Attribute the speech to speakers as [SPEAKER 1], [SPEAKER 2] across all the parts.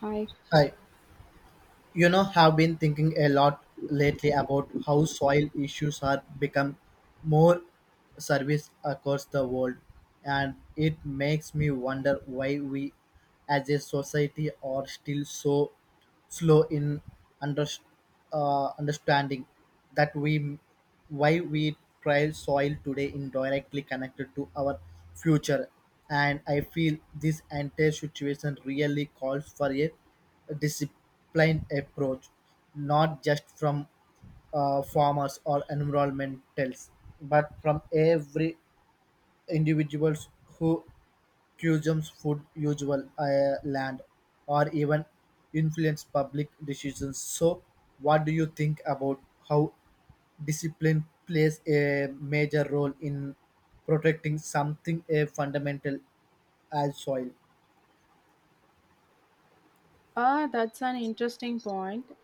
[SPEAKER 1] Hi.
[SPEAKER 2] Hi. You know, have been thinking a lot lately about how soil issues are become more service across the world, and it makes me wonder why we, as a society, are still so slow in under, understanding that we why we trial soil today indirectly connected to our future, and I feel this entire situation really calls for a disciplined approach, not just from farmers or environmentalists, but from every individuals who consumes food, usual land, or even influence public decisions. So, what do you think about how discipline plays a major role in protecting something a fundamental as soil?
[SPEAKER 1] Ah, that's an interesting point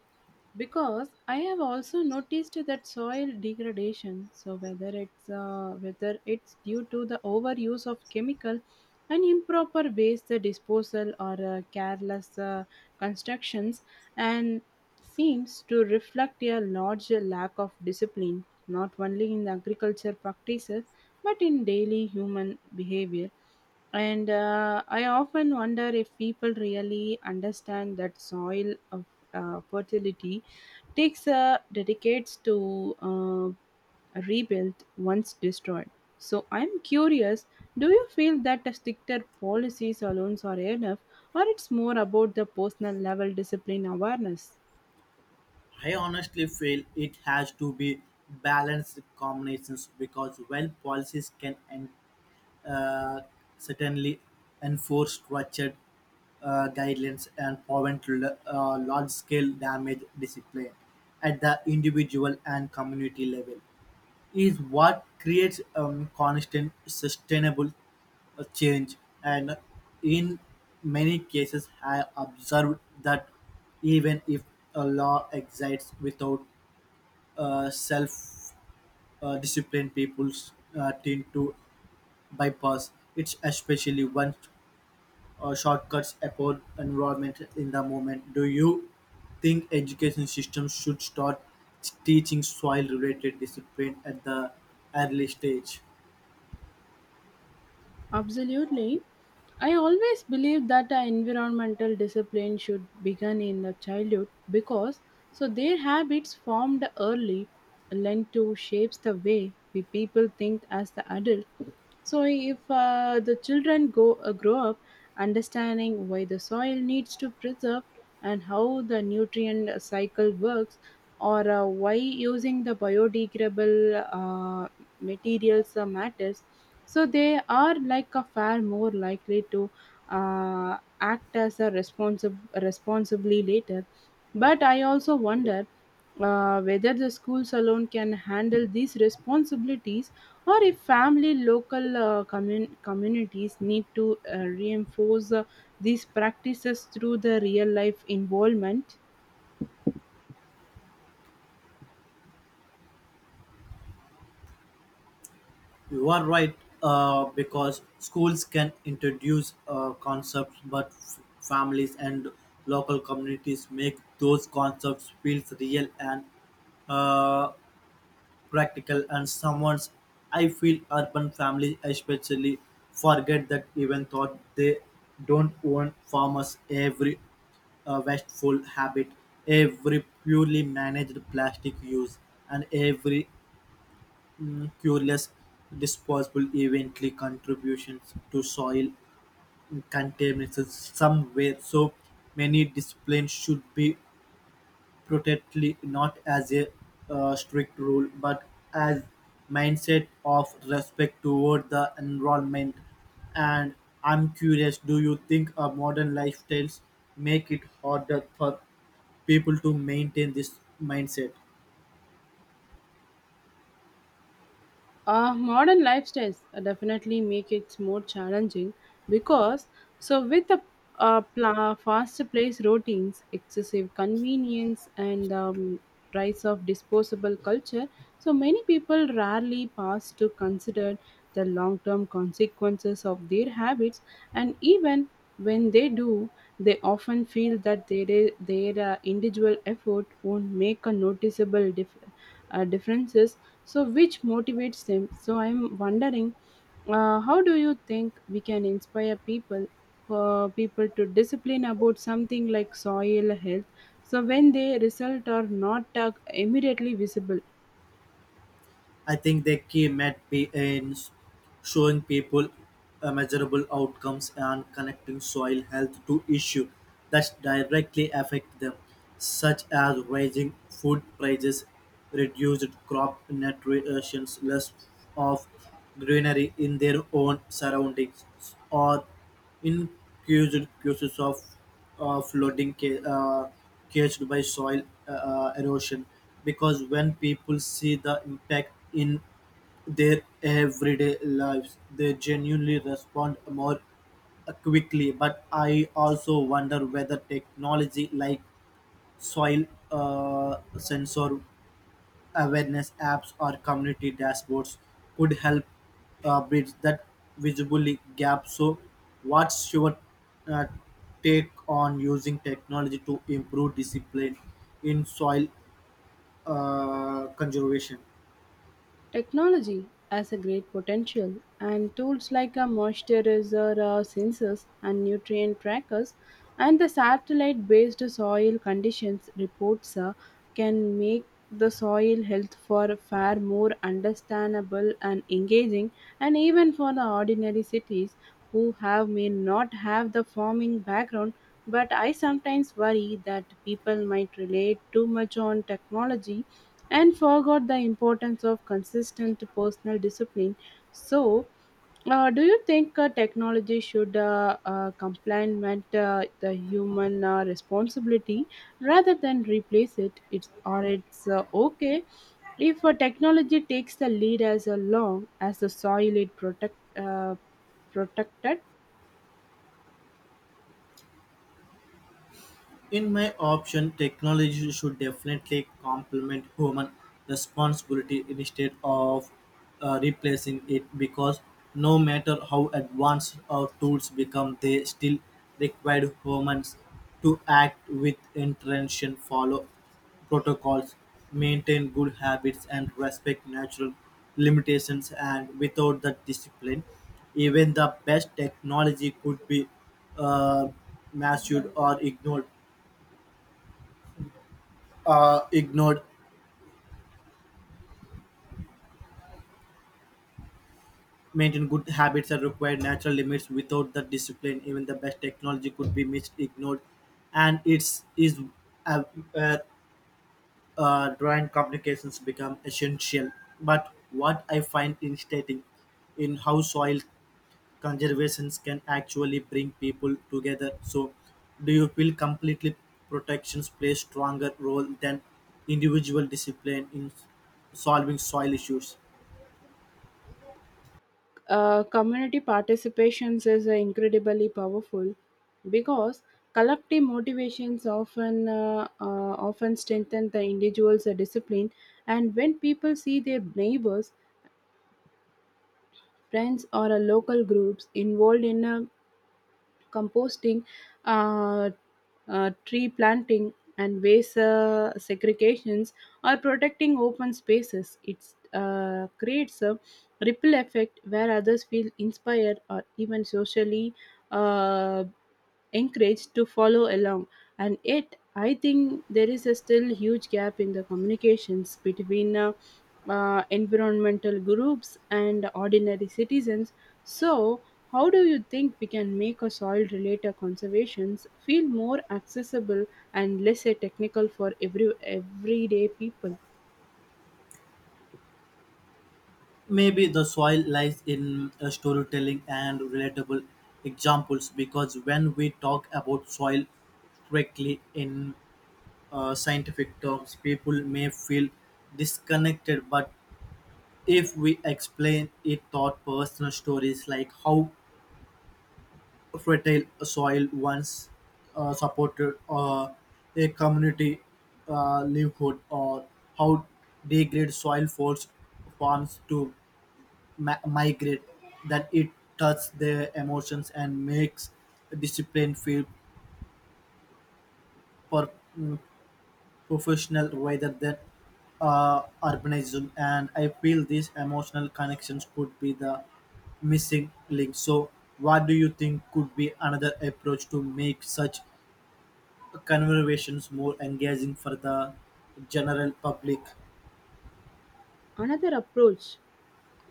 [SPEAKER 1] because I have also noticed that soil degradation. So whether it's due to the overuse of chemical and improper waste disposal or careless constructions, and seems to reflect a large lack of discipline, not only in the agriculture practices but in daily human behavior. And I often wonder if people really understand that soil of fertility takes decades to rebuild once destroyed. So I'm curious, do you feel that the stricter policies alone are enough, or it's more about the personal level discipline awareness?
[SPEAKER 2] I honestly feel it has to be balanced combinations because while policies can uh, certainly enforce structured guidelines and prevent large-scale damage discipline at the individual and community level is what creates constant, sustainable change, and in many cases, I observed that even if a law exists without self discipline, people tend to bypass it, especially once shortcuts upon environment in the moment. Do you think education systems should start teaching soil related discipline at the early stage?
[SPEAKER 1] Absolutely. I always believe that our environmental discipline should begin in the childhood because so their habits formed early lend to shapes the way we people think as the adults. So, if the children go grow up understanding why the soil needs to preserve and how the nutrient cycle works, or why using the biodegradable materials matters, so they are like a far more likely to act as a responsible responsibly later. But I also wonder whether the schools alone can handle these responsibilities or if family local communities need to reinforce these practices through the real life involvement.
[SPEAKER 2] You are right, because schools can introduce concepts, but families and local communities make those concepts feel real and uh, practical. And someone's, I feel urban families especially forget that even thought they don't own farmers every wasteful habit, every purely managed plastic use, and every curious disposable eventually contributions to soil contamination somewhere so many disciplines should be protected not as a strict rule but as mindset of respect toward the environment. And I'm curious, do you think our modern lifestyles make it harder for people to maintain this mindset?
[SPEAKER 1] Modern lifestyles definitely make it more challenging because so with the faster place routines, excessive convenience, and rise of disposable culture, so many people rarely pass to consider the long-term consequences of their habits, and even when they do, they often feel that their individual effort won't make a noticeable differences so which motivates them. So I'm wondering, how do you think we can inspire people to discipline about something like soil health so when they result are not immediately visible?
[SPEAKER 2] I think the key might be in showing people measurable outcomes and connecting soil health to issues that directly affect them, such as rising food prices, reduced crop nutrition, less of greenery in their own surroundings, or in caged cases of flooding caused by soil erosion, because when people see the impact in their everyday lives, they genuinely respond more quickly. But I also wonder whether technology like soil sensor awareness apps or community dashboards could help bridge that visibility gap. So, what's your uh, take on using technology to improve discipline in soil conservation?
[SPEAKER 1] Technology has a great potential, and tools like a moisturizer sensors and nutrient trackers and the satellite based soil conditions reports can make the soil health for far more understandable and engaging, and even for the ordinary cities who have may not have the farming background. But I sometimes worry that people might relate too much on technology and forgot the importance of consistent personal discipline. So, do you think technology should complement the human responsibility rather than replace it? It's, or it's okay if technology takes the lead as long as the soil it protected.
[SPEAKER 2] In my option, technology should definitely complement human responsibility instead of replacing it because no matter how advanced our tools become, they still require humans to act with intention, follow protocols, maintain good habits, and respect natural limitations. And without that discipline, even the best technology could be uh, mastered or ignored. Maintain good habits that require natural limits. Without the discipline, even the best technology could be missed, ignored, and it's is uh, uh, drawing communications become essential. But what I find interesting in how soil conservations can actually bring people together. So, do you feel completely protections play stronger role than individual discipline in solving soil issues?
[SPEAKER 1] Community participations is incredibly powerful because collective motivations often strengthen the individual's discipline. And when people see their neighbors, friends, or local groups involved in a composting, uh, tree planting, and waste segregations or protecting open spaces, it creates a ripple effect where others feel inspired or even socially Uh, encouraged to follow along. And yet I think there is a still huge gap in the communications between environmental groups and ordinary citizens. So how do you think we can make a soil related conservations feel more accessible and less a technical for everyday people?
[SPEAKER 2] Maybe the soil lies in storytelling and relatable examples because when we talk about soil correctly in scientific terms, people may feel disconnected. But if we explain it through personal stories like how fertile soil once supported a community livelihood or how degraded soil forced farms to migrate, that it touches their emotions and makes discipline feel per- mm, professional rather than urbanism. And I feel these emotional connections could be the missing link. So, what do you think could be another approach to make such conversations more engaging for the general public?
[SPEAKER 1] Another approach,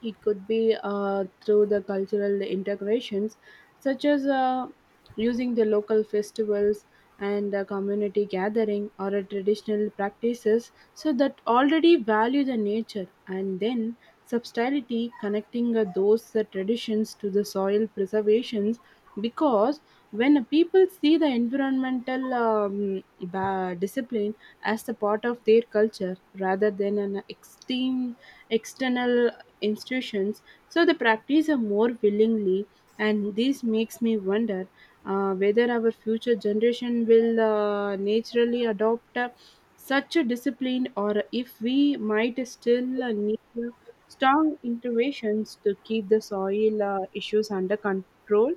[SPEAKER 1] it could be through the cultural integrations such as using the local festivals and community gathering or traditional practices so that already value the nature and then substantiality connecting those traditions to the soil preservations. Because when people see the environmental discipline as the part of their culture rather than an extreme external institutions, so they practice a more willingly. And this makes me wonder whether our future generation will naturally adopt such a discipline or if we might still need strong interventions to keep the soil issues under control.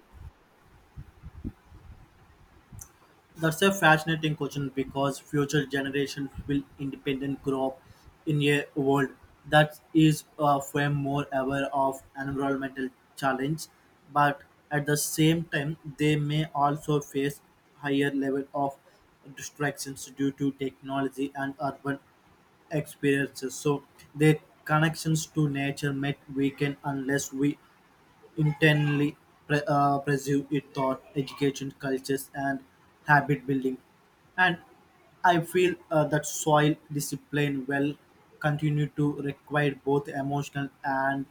[SPEAKER 2] That's a fascinating question because future generations will independent grow up in a world that is far more aware of environmental challenge, but at the same time they may also face higher level of distractions due to technology and urban experiences. So their connections to nature might weaken unless we intently pursue it thought education cultures and habit building, and I feel that soil discipline will continue to require both emotional and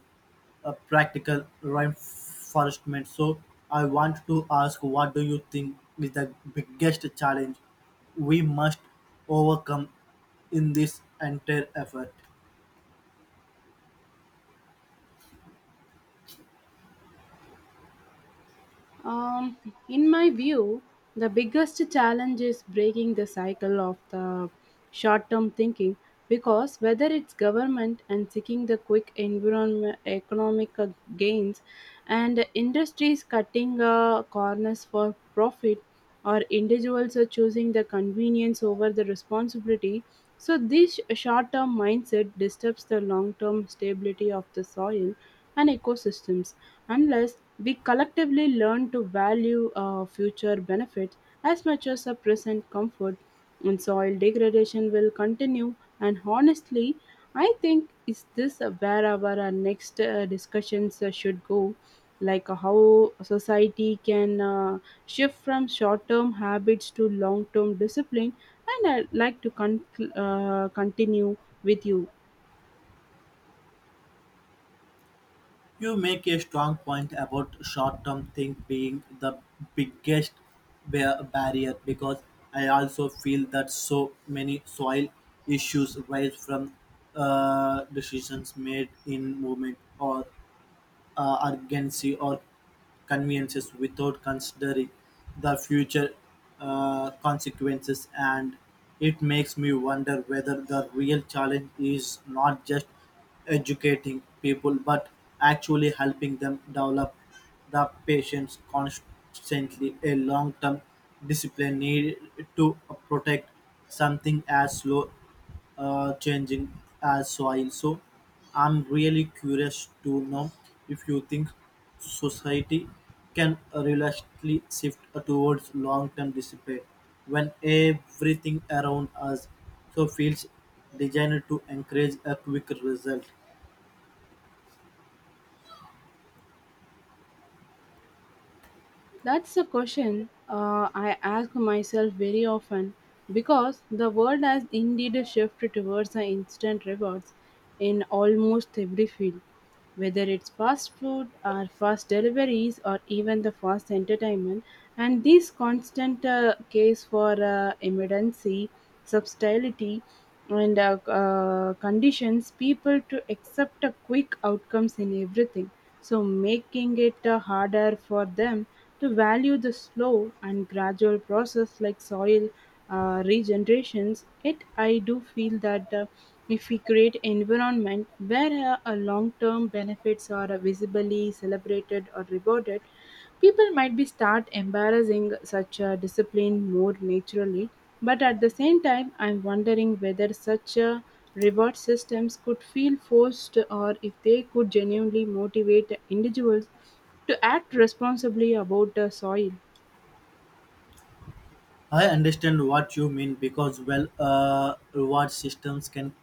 [SPEAKER 2] practical reinforcement. So I want to ask, what do you think is the biggest challenge we must overcome in this entire effort?
[SPEAKER 1] Um, in my view, the biggest challenge is breaking the cycle of the short term thinking because whether it's government and seeking the quick environment economic gains and industries cutting corners for profit or individuals are choosing the convenience over the responsibility, so this short term mindset disturbs the long term stability of the soil and ecosystems unless we collectively learn to value future benefits as much as a present comfort, and soil degradation will continue. And honestly, I think is this where our next discussions should go, like how society can shift from short-term habits to long-term discipline. And I'd like to continue with you.
[SPEAKER 2] You make a strong point about short term think being the biggest barrier because I also feel that so many soil issues rise from decisions made in movement or urgency or conveniences without considering the future consequences, and it makes me wonder whether the real challenge is not just educating people but actually helping them develop the patience constantly a long-term discipline need to protect something as slow changing as soil. So I'm really curious to know if you think society can realistically shift towards long-term discipline when everything around us so feels designed to encourage a quick result.
[SPEAKER 1] That's a question I ask myself very often because the world has indeed shifted towards the instant rewards in almost every field, whether it's fast food or fast deliveries or even the fast entertainment. And this constant case for immediacy, subtlety, and conditions people to accept a quick outcomes in everything, so making it harder for them to value the slow and gradual process like soil regenerations. Yet I do feel that if we create environment where a long term benefits are visibly celebrated or rewarded, people might be start embarrassing such a discipline more naturally. But at the same time, I'm wondering whether such a reward systems could feel forced or if they could genuinely motivate individuals to act responsibly about the soil.
[SPEAKER 2] I understand what you mean because, well, reward systems can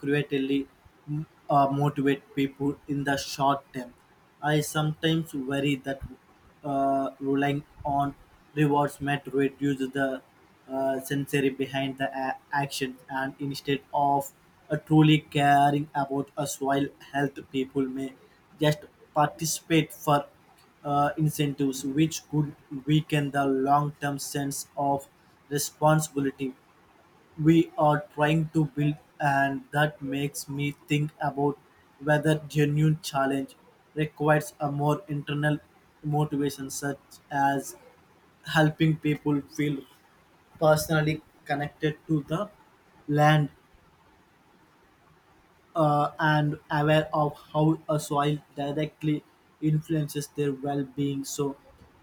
[SPEAKER 2] creatively motivate people in the short term. I sometimes worry that relying on rewards might reduce the sensory behind the action, and instead of truly caring about a soil health people may just participate for incentives, which could weaken the long-term sense of responsibility we are trying to build. And that makes me think about whether genuine challenge requires a more internal motivation such as helping people feel personally connected to the land and aware of how a soil directly influences their well-being. So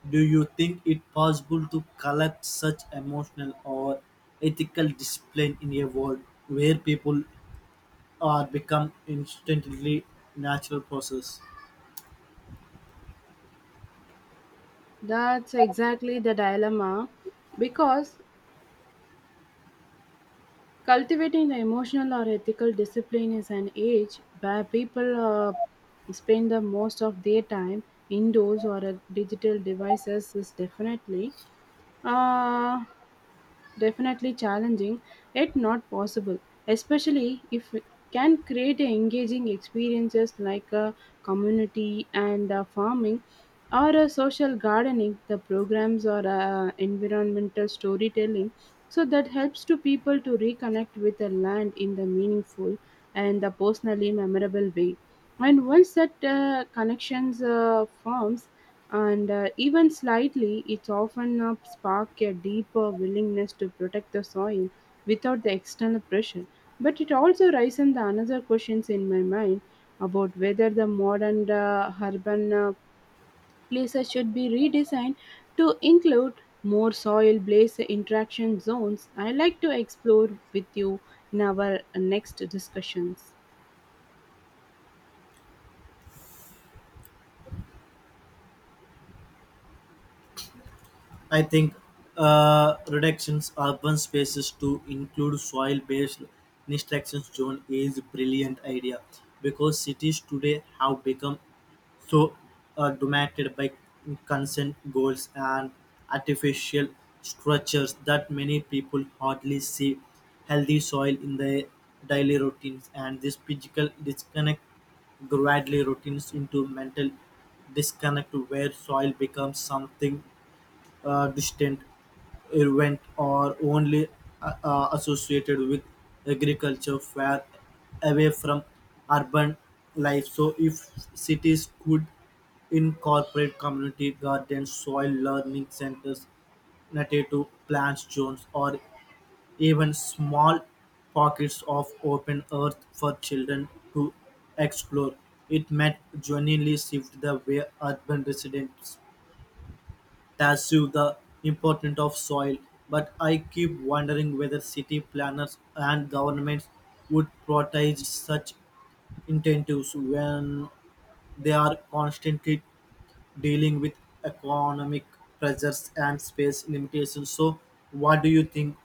[SPEAKER 2] do you think it possible to collect such emotional or ethical discipline in a world where people are become instantly natural process?
[SPEAKER 1] That's exactly the dilemma because cultivating the emotional or ethical discipline is an age where people spend the most of their time indoors or at digital devices is definitely. Uh, Definitely challenging, yet not possible, especially if we can create a engaging experiences like a community and farming or a social gardening, the programs or environmental storytelling. So that helps to people to reconnect with the land in the meaningful and the personally memorable way. And once that connections forms, and even slightly, it's often spark a deeper willingness to protect the soil without the external pressure. But it also raises the another questions in my mind about whether the modern urban places should be redesigned to include more soil based interaction zones. I like to explore with you in our next discussions.
[SPEAKER 2] I think reductions urban spaces to include soil-based extraction zone is a brilliant idea because cities today have become so dominated by consent goals and artificial structures that many people hardly see healthy soil in their daily routines, and this physical disconnect gradually routines into mental disconnect where soil becomes something distant Irvine or only associated with agriculture, far away from urban life. So, if cities could incorporate community gardens, soil learning centers, native plants zones, or even small pockets of open earth for children to explore, it might genuinely shift the way urban residents tattoo the importance of soil, but I keep wondering whether city planners and governments would protect such incentives when they are constantly dealing with economic pressures and space limitations. So, what do you think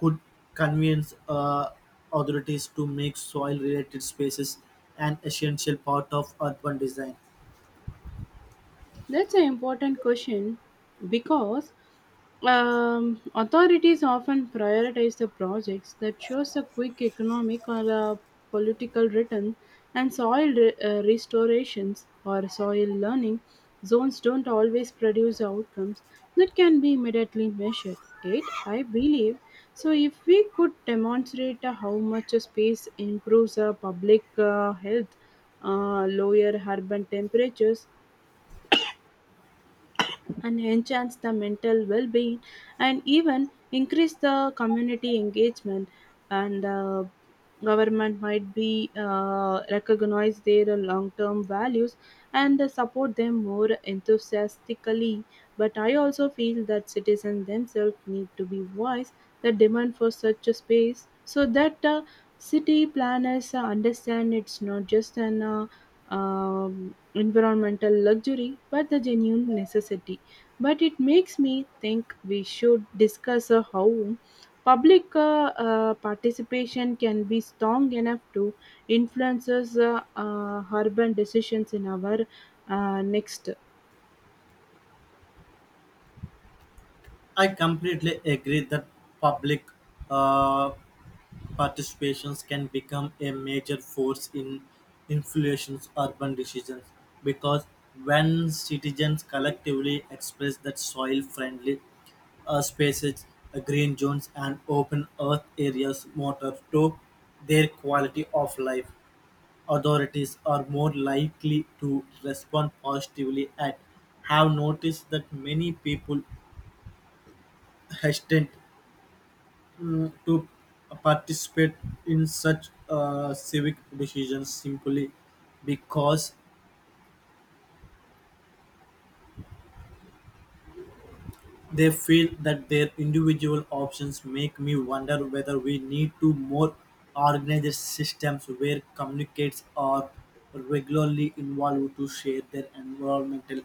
[SPEAKER 2] could convince authorities to make soil-related spaces an essential part of urban design?
[SPEAKER 1] That's an important question because authorities often prioritize the projects that shows a quick economic or a political return, and soil restorations or soil learning zones don't always produce outcomes that can be immediately measured. It, I believe, so if we could demonstrate how much a space improves public health, lower urban temperatures, and enhance the mental well-being and even increase the community engagement, and government might be recognize their long-term values and support them more enthusiastically. But I also feel that citizens themselves need to be wise the demand for such a space so that city planners understand it's not just an environmental luxury but the genuine necessity. But it makes me think we should discuss how public participation can be strong enough to influence urban decisions in our next.
[SPEAKER 2] I completely agree that public uh, participations can become a major force in influencing urban decisions because when citizens collectively express that soil-friendly spaces, green zones, and open earth areas matter to their quality of life, authorities are more likely to respond positively and have noticed that many people hesitant to participate in such civic decisions simply because they feel that their individual options make me wonder whether we need to more organized systems where communicates are regularly involved to share their environmental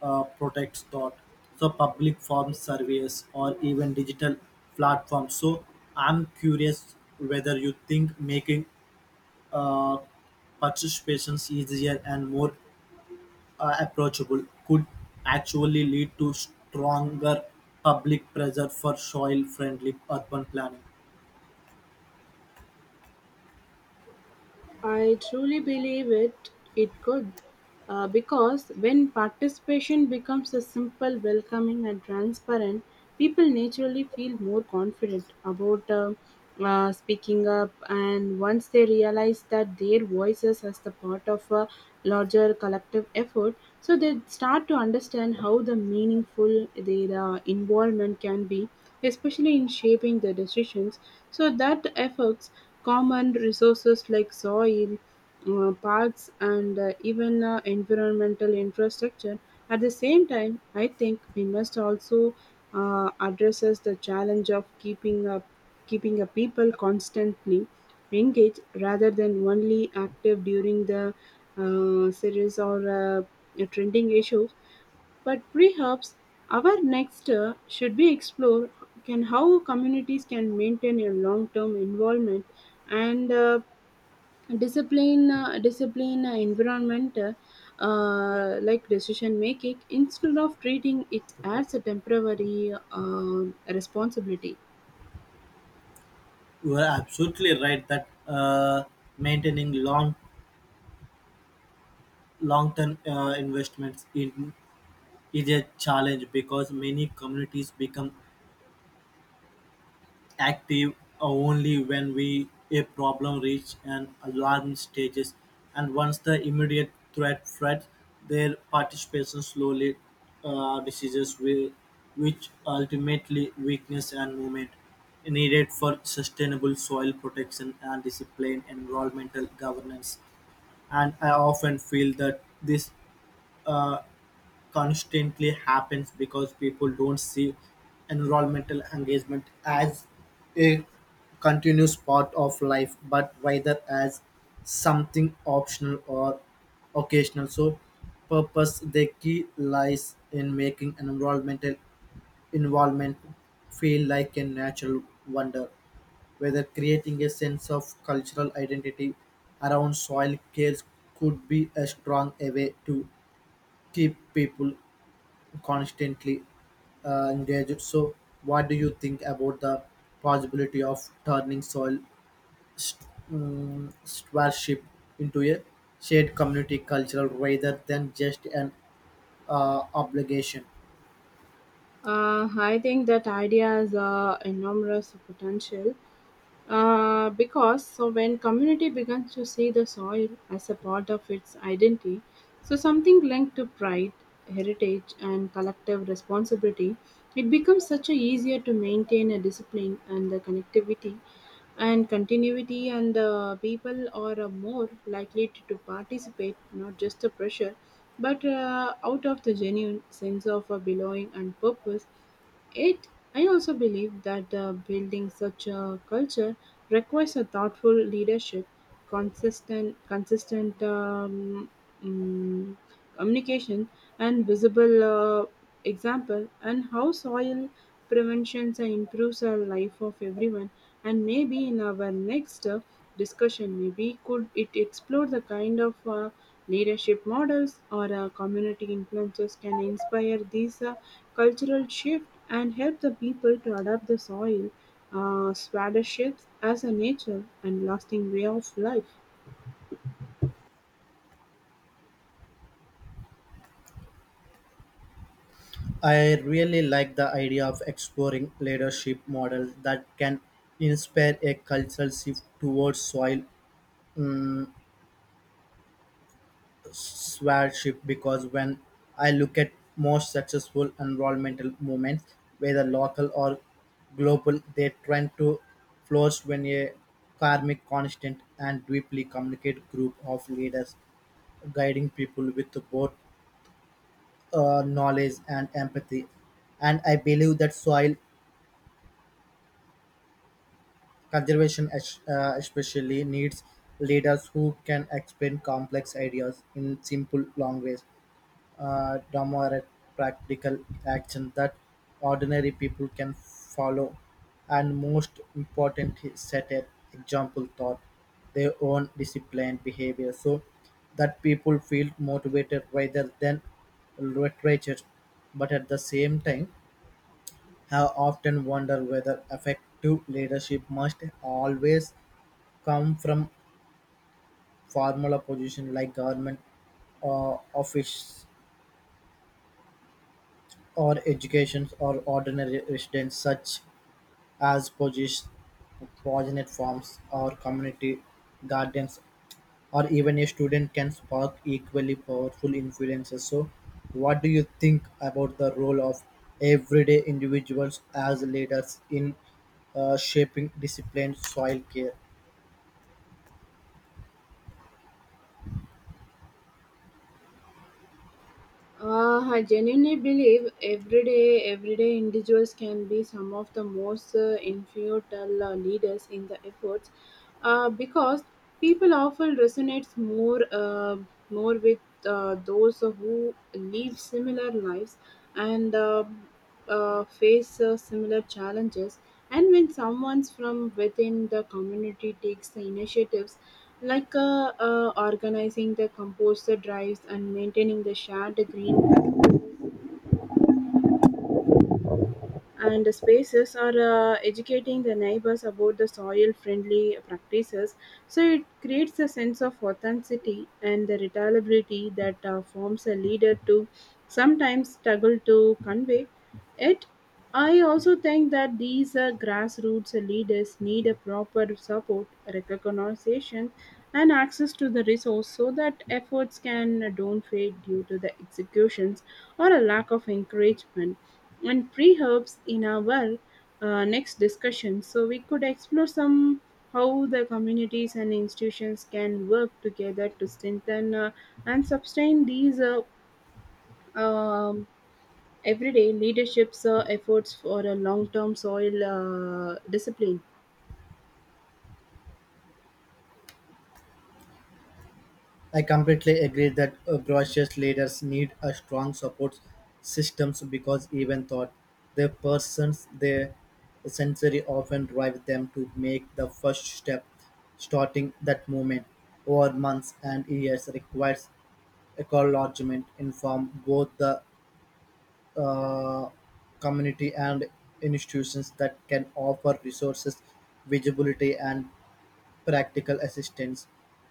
[SPEAKER 2] protects thought so public form surveys or even digital platforms. So I'm curious whether you think making uh, participations easier and more approachable could actually lead to stronger public pressure for soil friendly urban planning.
[SPEAKER 1] I truly believe it could, because when participation becomes a simple, welcoming, and transparent, people naturally feel more confident about speaking up. And once they realize that their voices as the part of a larger collective effort, so they start to understand how the meaningful their involvement can be, especially in shaping the decisions, so that affects common resources like soil, parks, and even environmental infrastructure. At the same time, I think we must also addresses the challenge of keeping a people constantly engage rather than only active during the series or trending issues. But perhaps our next should be explore can how communities can maintain a long-term involvement and discipline environment like decision making instead of treating it as a temporary responsibility.
[SPEAKER 2] You are absolutely right that maintaining long term investments in, is a challenge because many communities become active only when we a problem reach an alarm stages, and once the immediate threats their participation slowly diseases will, which ultimately weakness and movement needed for sustainable soil protection and discipline environmental governance. And I often feel that this uh, constantly happens because people don't see environmental engagement as a continuous part of life but rather as something optional or occasional, so purpose the key lies in making an environmental involvement feel like a natural wonder whether creating a sense of cultural identity around soil cares could be a strong way to keep people constantly engaged. So, what do you think about the possibility of turning soil stewardship into a shared community cultural rather than just an obligation?
[SPEAKER 1] I think that idea has enormous potential. Because so when community begins to see the soil as a part of its identity, so something linked to pride, heritage, and collective responsibility, it becomes such a easier to maintain a discipline and the connectivity and continuity and people are more likely to participate not just the pressure but out of the genuine sense of belonging and purpose it. I also believe that building such a culture requires a thoughtful leadership, consistent mm, communication, and visible example, and how soil preventions and improves our life of everyone. And maybe in our next discussion maybe could it explore the kind of leadership models or community influences can inspire these cultural shift and help the people to adapt the soil swada shifts as a nature and lasting way of life.
[SPEAKER 2] I really like the idea of exploring leadership models that can inspire a cultural shift towards soil mm, stewardship because when I look at most successful environmental movements, whether local or global, they tend to flourish when a karmic constant and deeply communicate group of leaders guiding people with both knowledge and empathy. And I believe that soil conservation especially needs leaders who can explain complex ideas in simple language domotic practical action that ordinary people can follow. And most important, he set an example thought their own disciplined behavior so that people feel motivated rather than literature. But at the same time, I often wonder whether effective leadership must always come from formal position like government office or education or ordinary residents such as poisonate farms or community gardens or even a student can spark equally powerful influences. So what do you think about the role of everyday individuals as leaders in shaping disciplined soil care?
[SPEAKER 1] I genuinely believe everyday individuals can be some of the most influential leaders in the efforts, because people often resonates more with those who live similar lives and face similar challenges. And when someone's from within the community takes the initiatives like organizing the composter drives and maintaining the shared green and spaces are educating the neighbors about the soil friendly practices, so it creates a sense of authenticity and the reliability that forms a leader to sometimes struggle to convey it. I also think that these grassroots leaders need a proper support, recognition, and access to the resource so that efforts can don't fade due to the executions or a lack of encouragement and pre-herbs in our next discussion. So we could explore some how the communities and institutions can work together to strengthen and sustain these um everyday leadership's efforts for a long-term soil discipline.
[SPEAKER 2] I completely agree that grassroots leaders need a strong support systems because even though their persons, their sensory often drive them to make the first step, starting that movement over months and years requires a in from both the uh, community and institutions that can offer resources, visibility, and practical assistance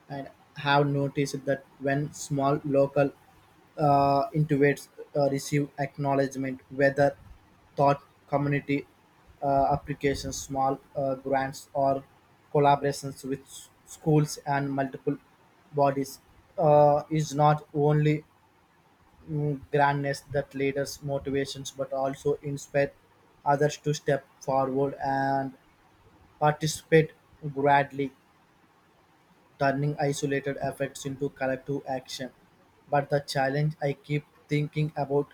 [SPEAKER 2] and have noticed that when small local intuits receive acknowledgement, whether thought community applications, small grants, or collaborations with schools and multiple bodies, is not only grandness that leaders' motivations but also inspire others to step forward and participate gladly turning isolated efforts into collective action. But the challenge I keep thinking about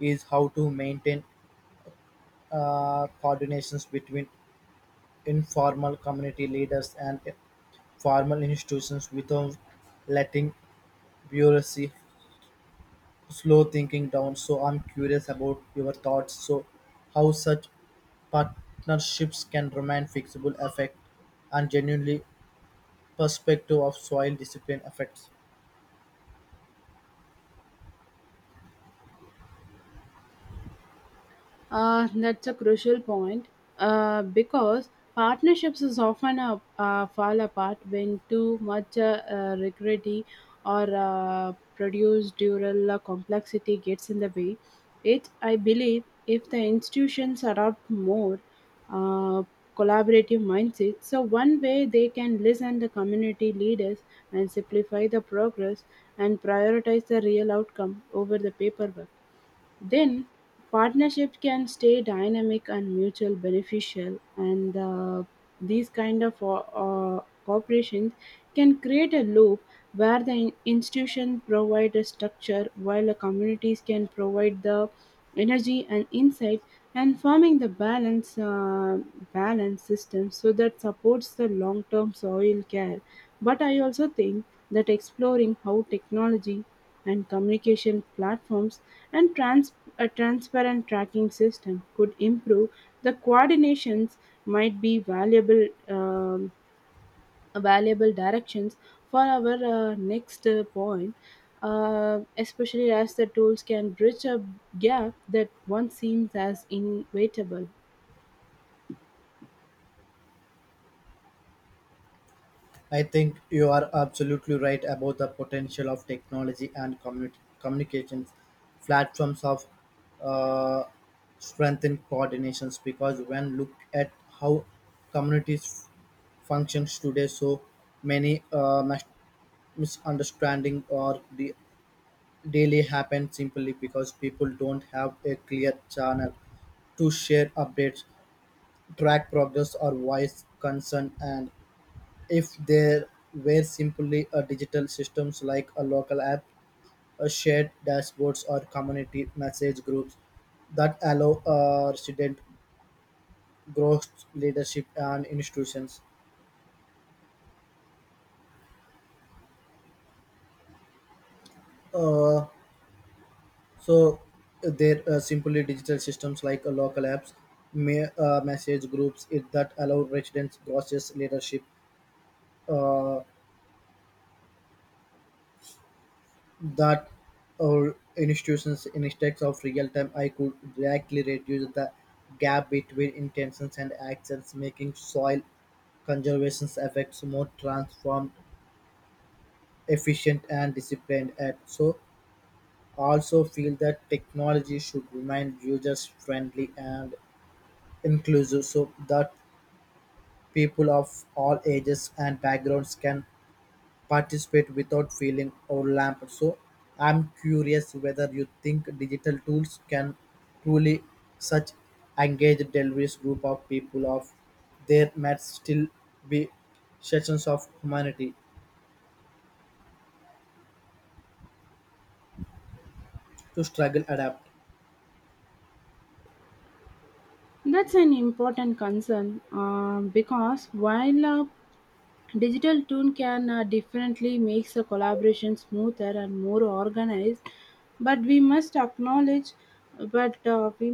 [SPEAKER 2] is how to maintain coordinations between informal community leaders and formal institutions without letting bureaucracy slow thinking down. So I'm curious about your thoughts. So how such partnerships can remain fixable effect and genuinely perspective of soil discipline effects.
[SPEAKER 1] That's a crucial point because partnerships is often fall apart when too much rigidity or produced dual complexity gets in the way. It, I believe, if the institutions adopt more uh, collaborative mindset, so one way they can listen the community leaders and simplify the progress and prioritize the real outcome over the paperwork. Then partnership can stay dynamic and mutual beneficial, and these kind of corporations can create a loop where the institution provide a structure while the communities can provide the energy and insight and forming the balance system so that supports the long term soil care. But I also think that exploring how technology and communication platforms and a transparent tracking system could improve the coordinations might be valuable directions for our next point, especially as the tools can bridge a gap that once seems as inevitable.
[SPEAKER 2] I think you are absolutely right about the potential of technology and communications platforms of uh, strengthen coordinations because when look at how communities functions today, so many misunderstanding or the daily happen simply because people don't have a clear channel to share updates, track progress, or voice concern and if there were simply a digital systems like a local app, a shared dashboards or community message groups that allow resident growth leadership and institutions. Uh, so there are simply digital systems like local apps, message groups it, that allow residents growth leadership. Uh, that our institutions instead of real time I could directly reduce the gap between intentions and actions making soil conservation effects more transformed efficient and disciplined and so also feel that technology should remain users friendly and inclusive so that people of all ages and backgrounds can participate without feeling overwhelmed. So I'm curious whether you think digital tools can truly such engage diverse group of people of there might still be sections of humanity to struggle adapt.
[SPEAKER 1] That's an important concern because while a digital tool can definitely make the collaboration smoother and more organized, but we must acknowledge, but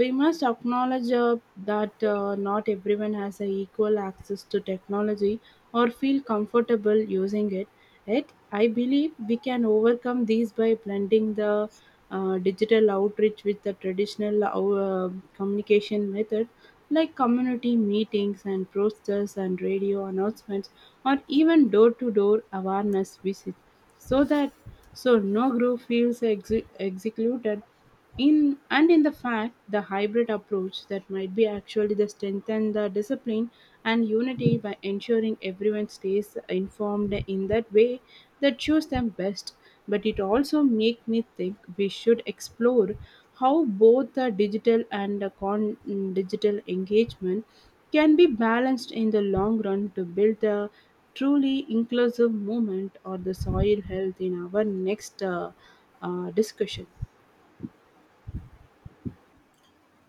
[SPEAKER 1] we must acknowledge that not everyone has a equal access to technology or feel comfortable using it. Yet, I believe we can overcome these by blending the digital outreach with the traditional communication method like community meetings and posters and radio announcements or even door-to-door awareness visits so that so no group feels excluded in and in the fact the hybrid approach that might be actually the strengthen the discipline and unity by ensuring everyone stays informed in that way that suits them best. But it also make me think we should explore how both the digital and the con digital engagement can be balanced in the long run to build a truly inclusive movement or the soil health in our next discussion.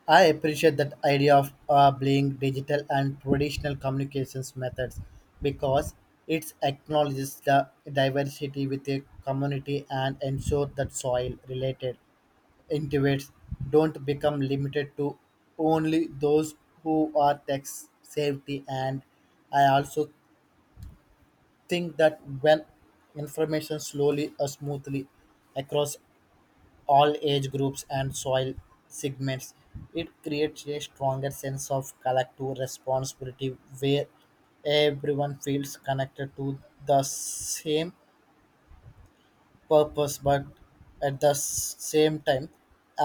[SPEAKER 2] I appreciate that idea of blending digital and traditional communications methods because it acknowledges the diversity with a community and ensure that soil related incentives don't become limited to only those who are tax safety and I also think that when information slowly or smoothly across all age groups and soil segments, it creates a stronger sense of collective responsibility where everyone feels connected to the same purpose but at the same time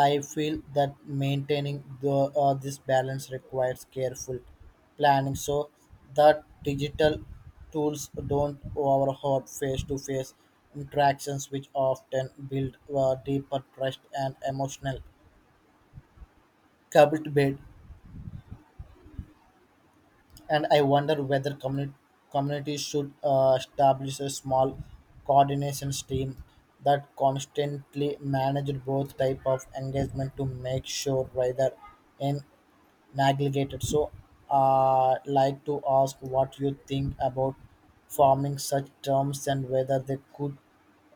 [SPEAKER 2] I feel that maintaining the this balance requires careful planning so that digital tools don't overhaul face-to-face interactions which often build deeper trust and emotional commitment and I wonder whether communities should establish a small coordination team that constantly manage both type of engagement to make sure rather in neglected. So, like to ask what you think about forming such terms and whether they could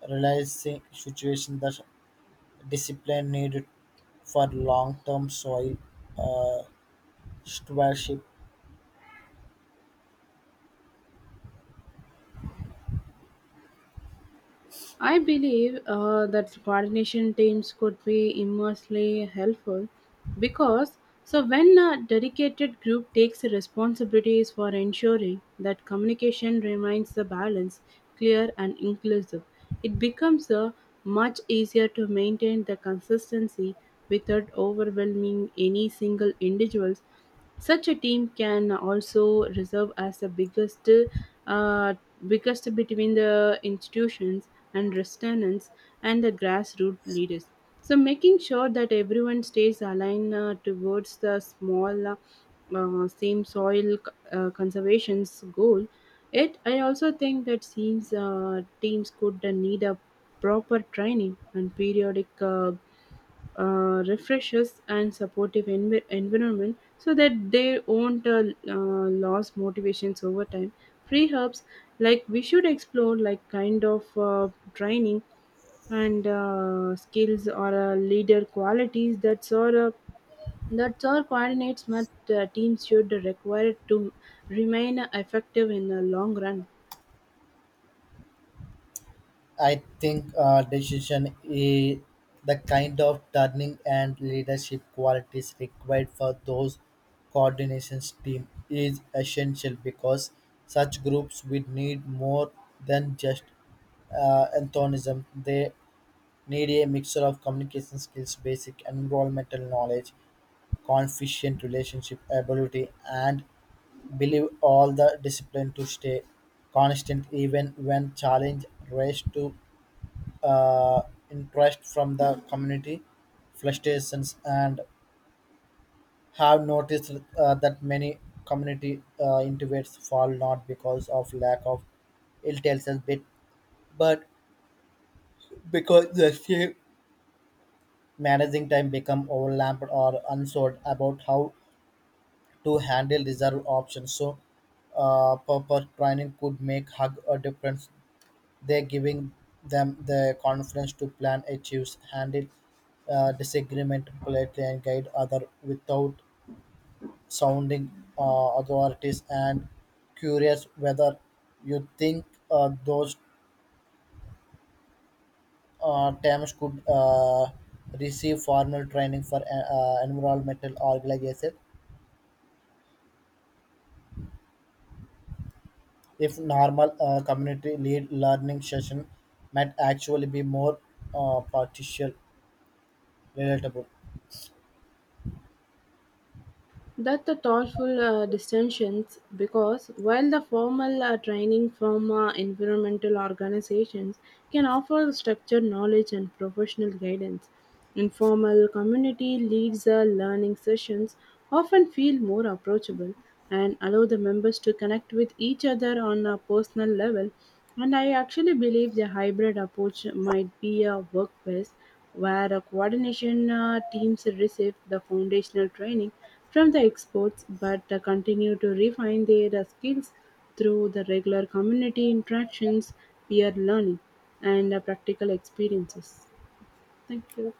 [SPEAKER 2] realize the situation that discipline needed for long-term soil uh, stewardship.
[SPEAKER 1] I believe that coordination teams could be immensely helpful because so when a dedicated group takes the responsibilities for ensuring that communication remains the balance, clear and inclusive, it becomes much easier to maintain the consistency without overwhelming any single individuals. Such a team can also reserve as the uh, biggest between the institutions and restaurants and the grassroots leaders, so making sure that everyone stays aligned towards the same soil conservation's goal. It I also think that seems teams could need a proper training and periodic. Refreshes and supportive environment so that they won't lose motivations over time. Free hubs like we should explore like kind of training and skills or leader qualities that sort of that's all coordinates that teams should require to remain effective in the long run.
[SPEAKER 2] I think decision is the kind of turning and leadership qualities required for those coordinations team is essential because such groups will need more than just enthusiasm. They need a mixture of communication skills, basic environmental knowledge, confident relationship ability, and believe all the discipline to stay constant even when challenge raised to uh, interest from the community frustrations and have noticed that many community intubates fall not because of lack of intelligence bit but because the same managing time become overlapped or unsold about how to handle reserve options so purpose training could make hug a difference. They're giving them the confidence to plan achieve, handle disagreement politely, and guide other without sounding authorities. And curious whether you think those terms could receive formal training for environmental organization. If normal community lead learning session might actually be more partial relatable.
[SPEAKER 1] That the thoughtful distinctions because while the formal training from environmental organizations can offer structured knowledge and professional guidance, informal community leads learning sessions often feel more approachable and allow the members to connect with each other on a personal level. And I actually believe the hybrid approach might be a work best where a coordination teams receive the foundational training from the exports, but continue to refine their skills through the regular community interactions, peer learning, and practical experiences. Thank you.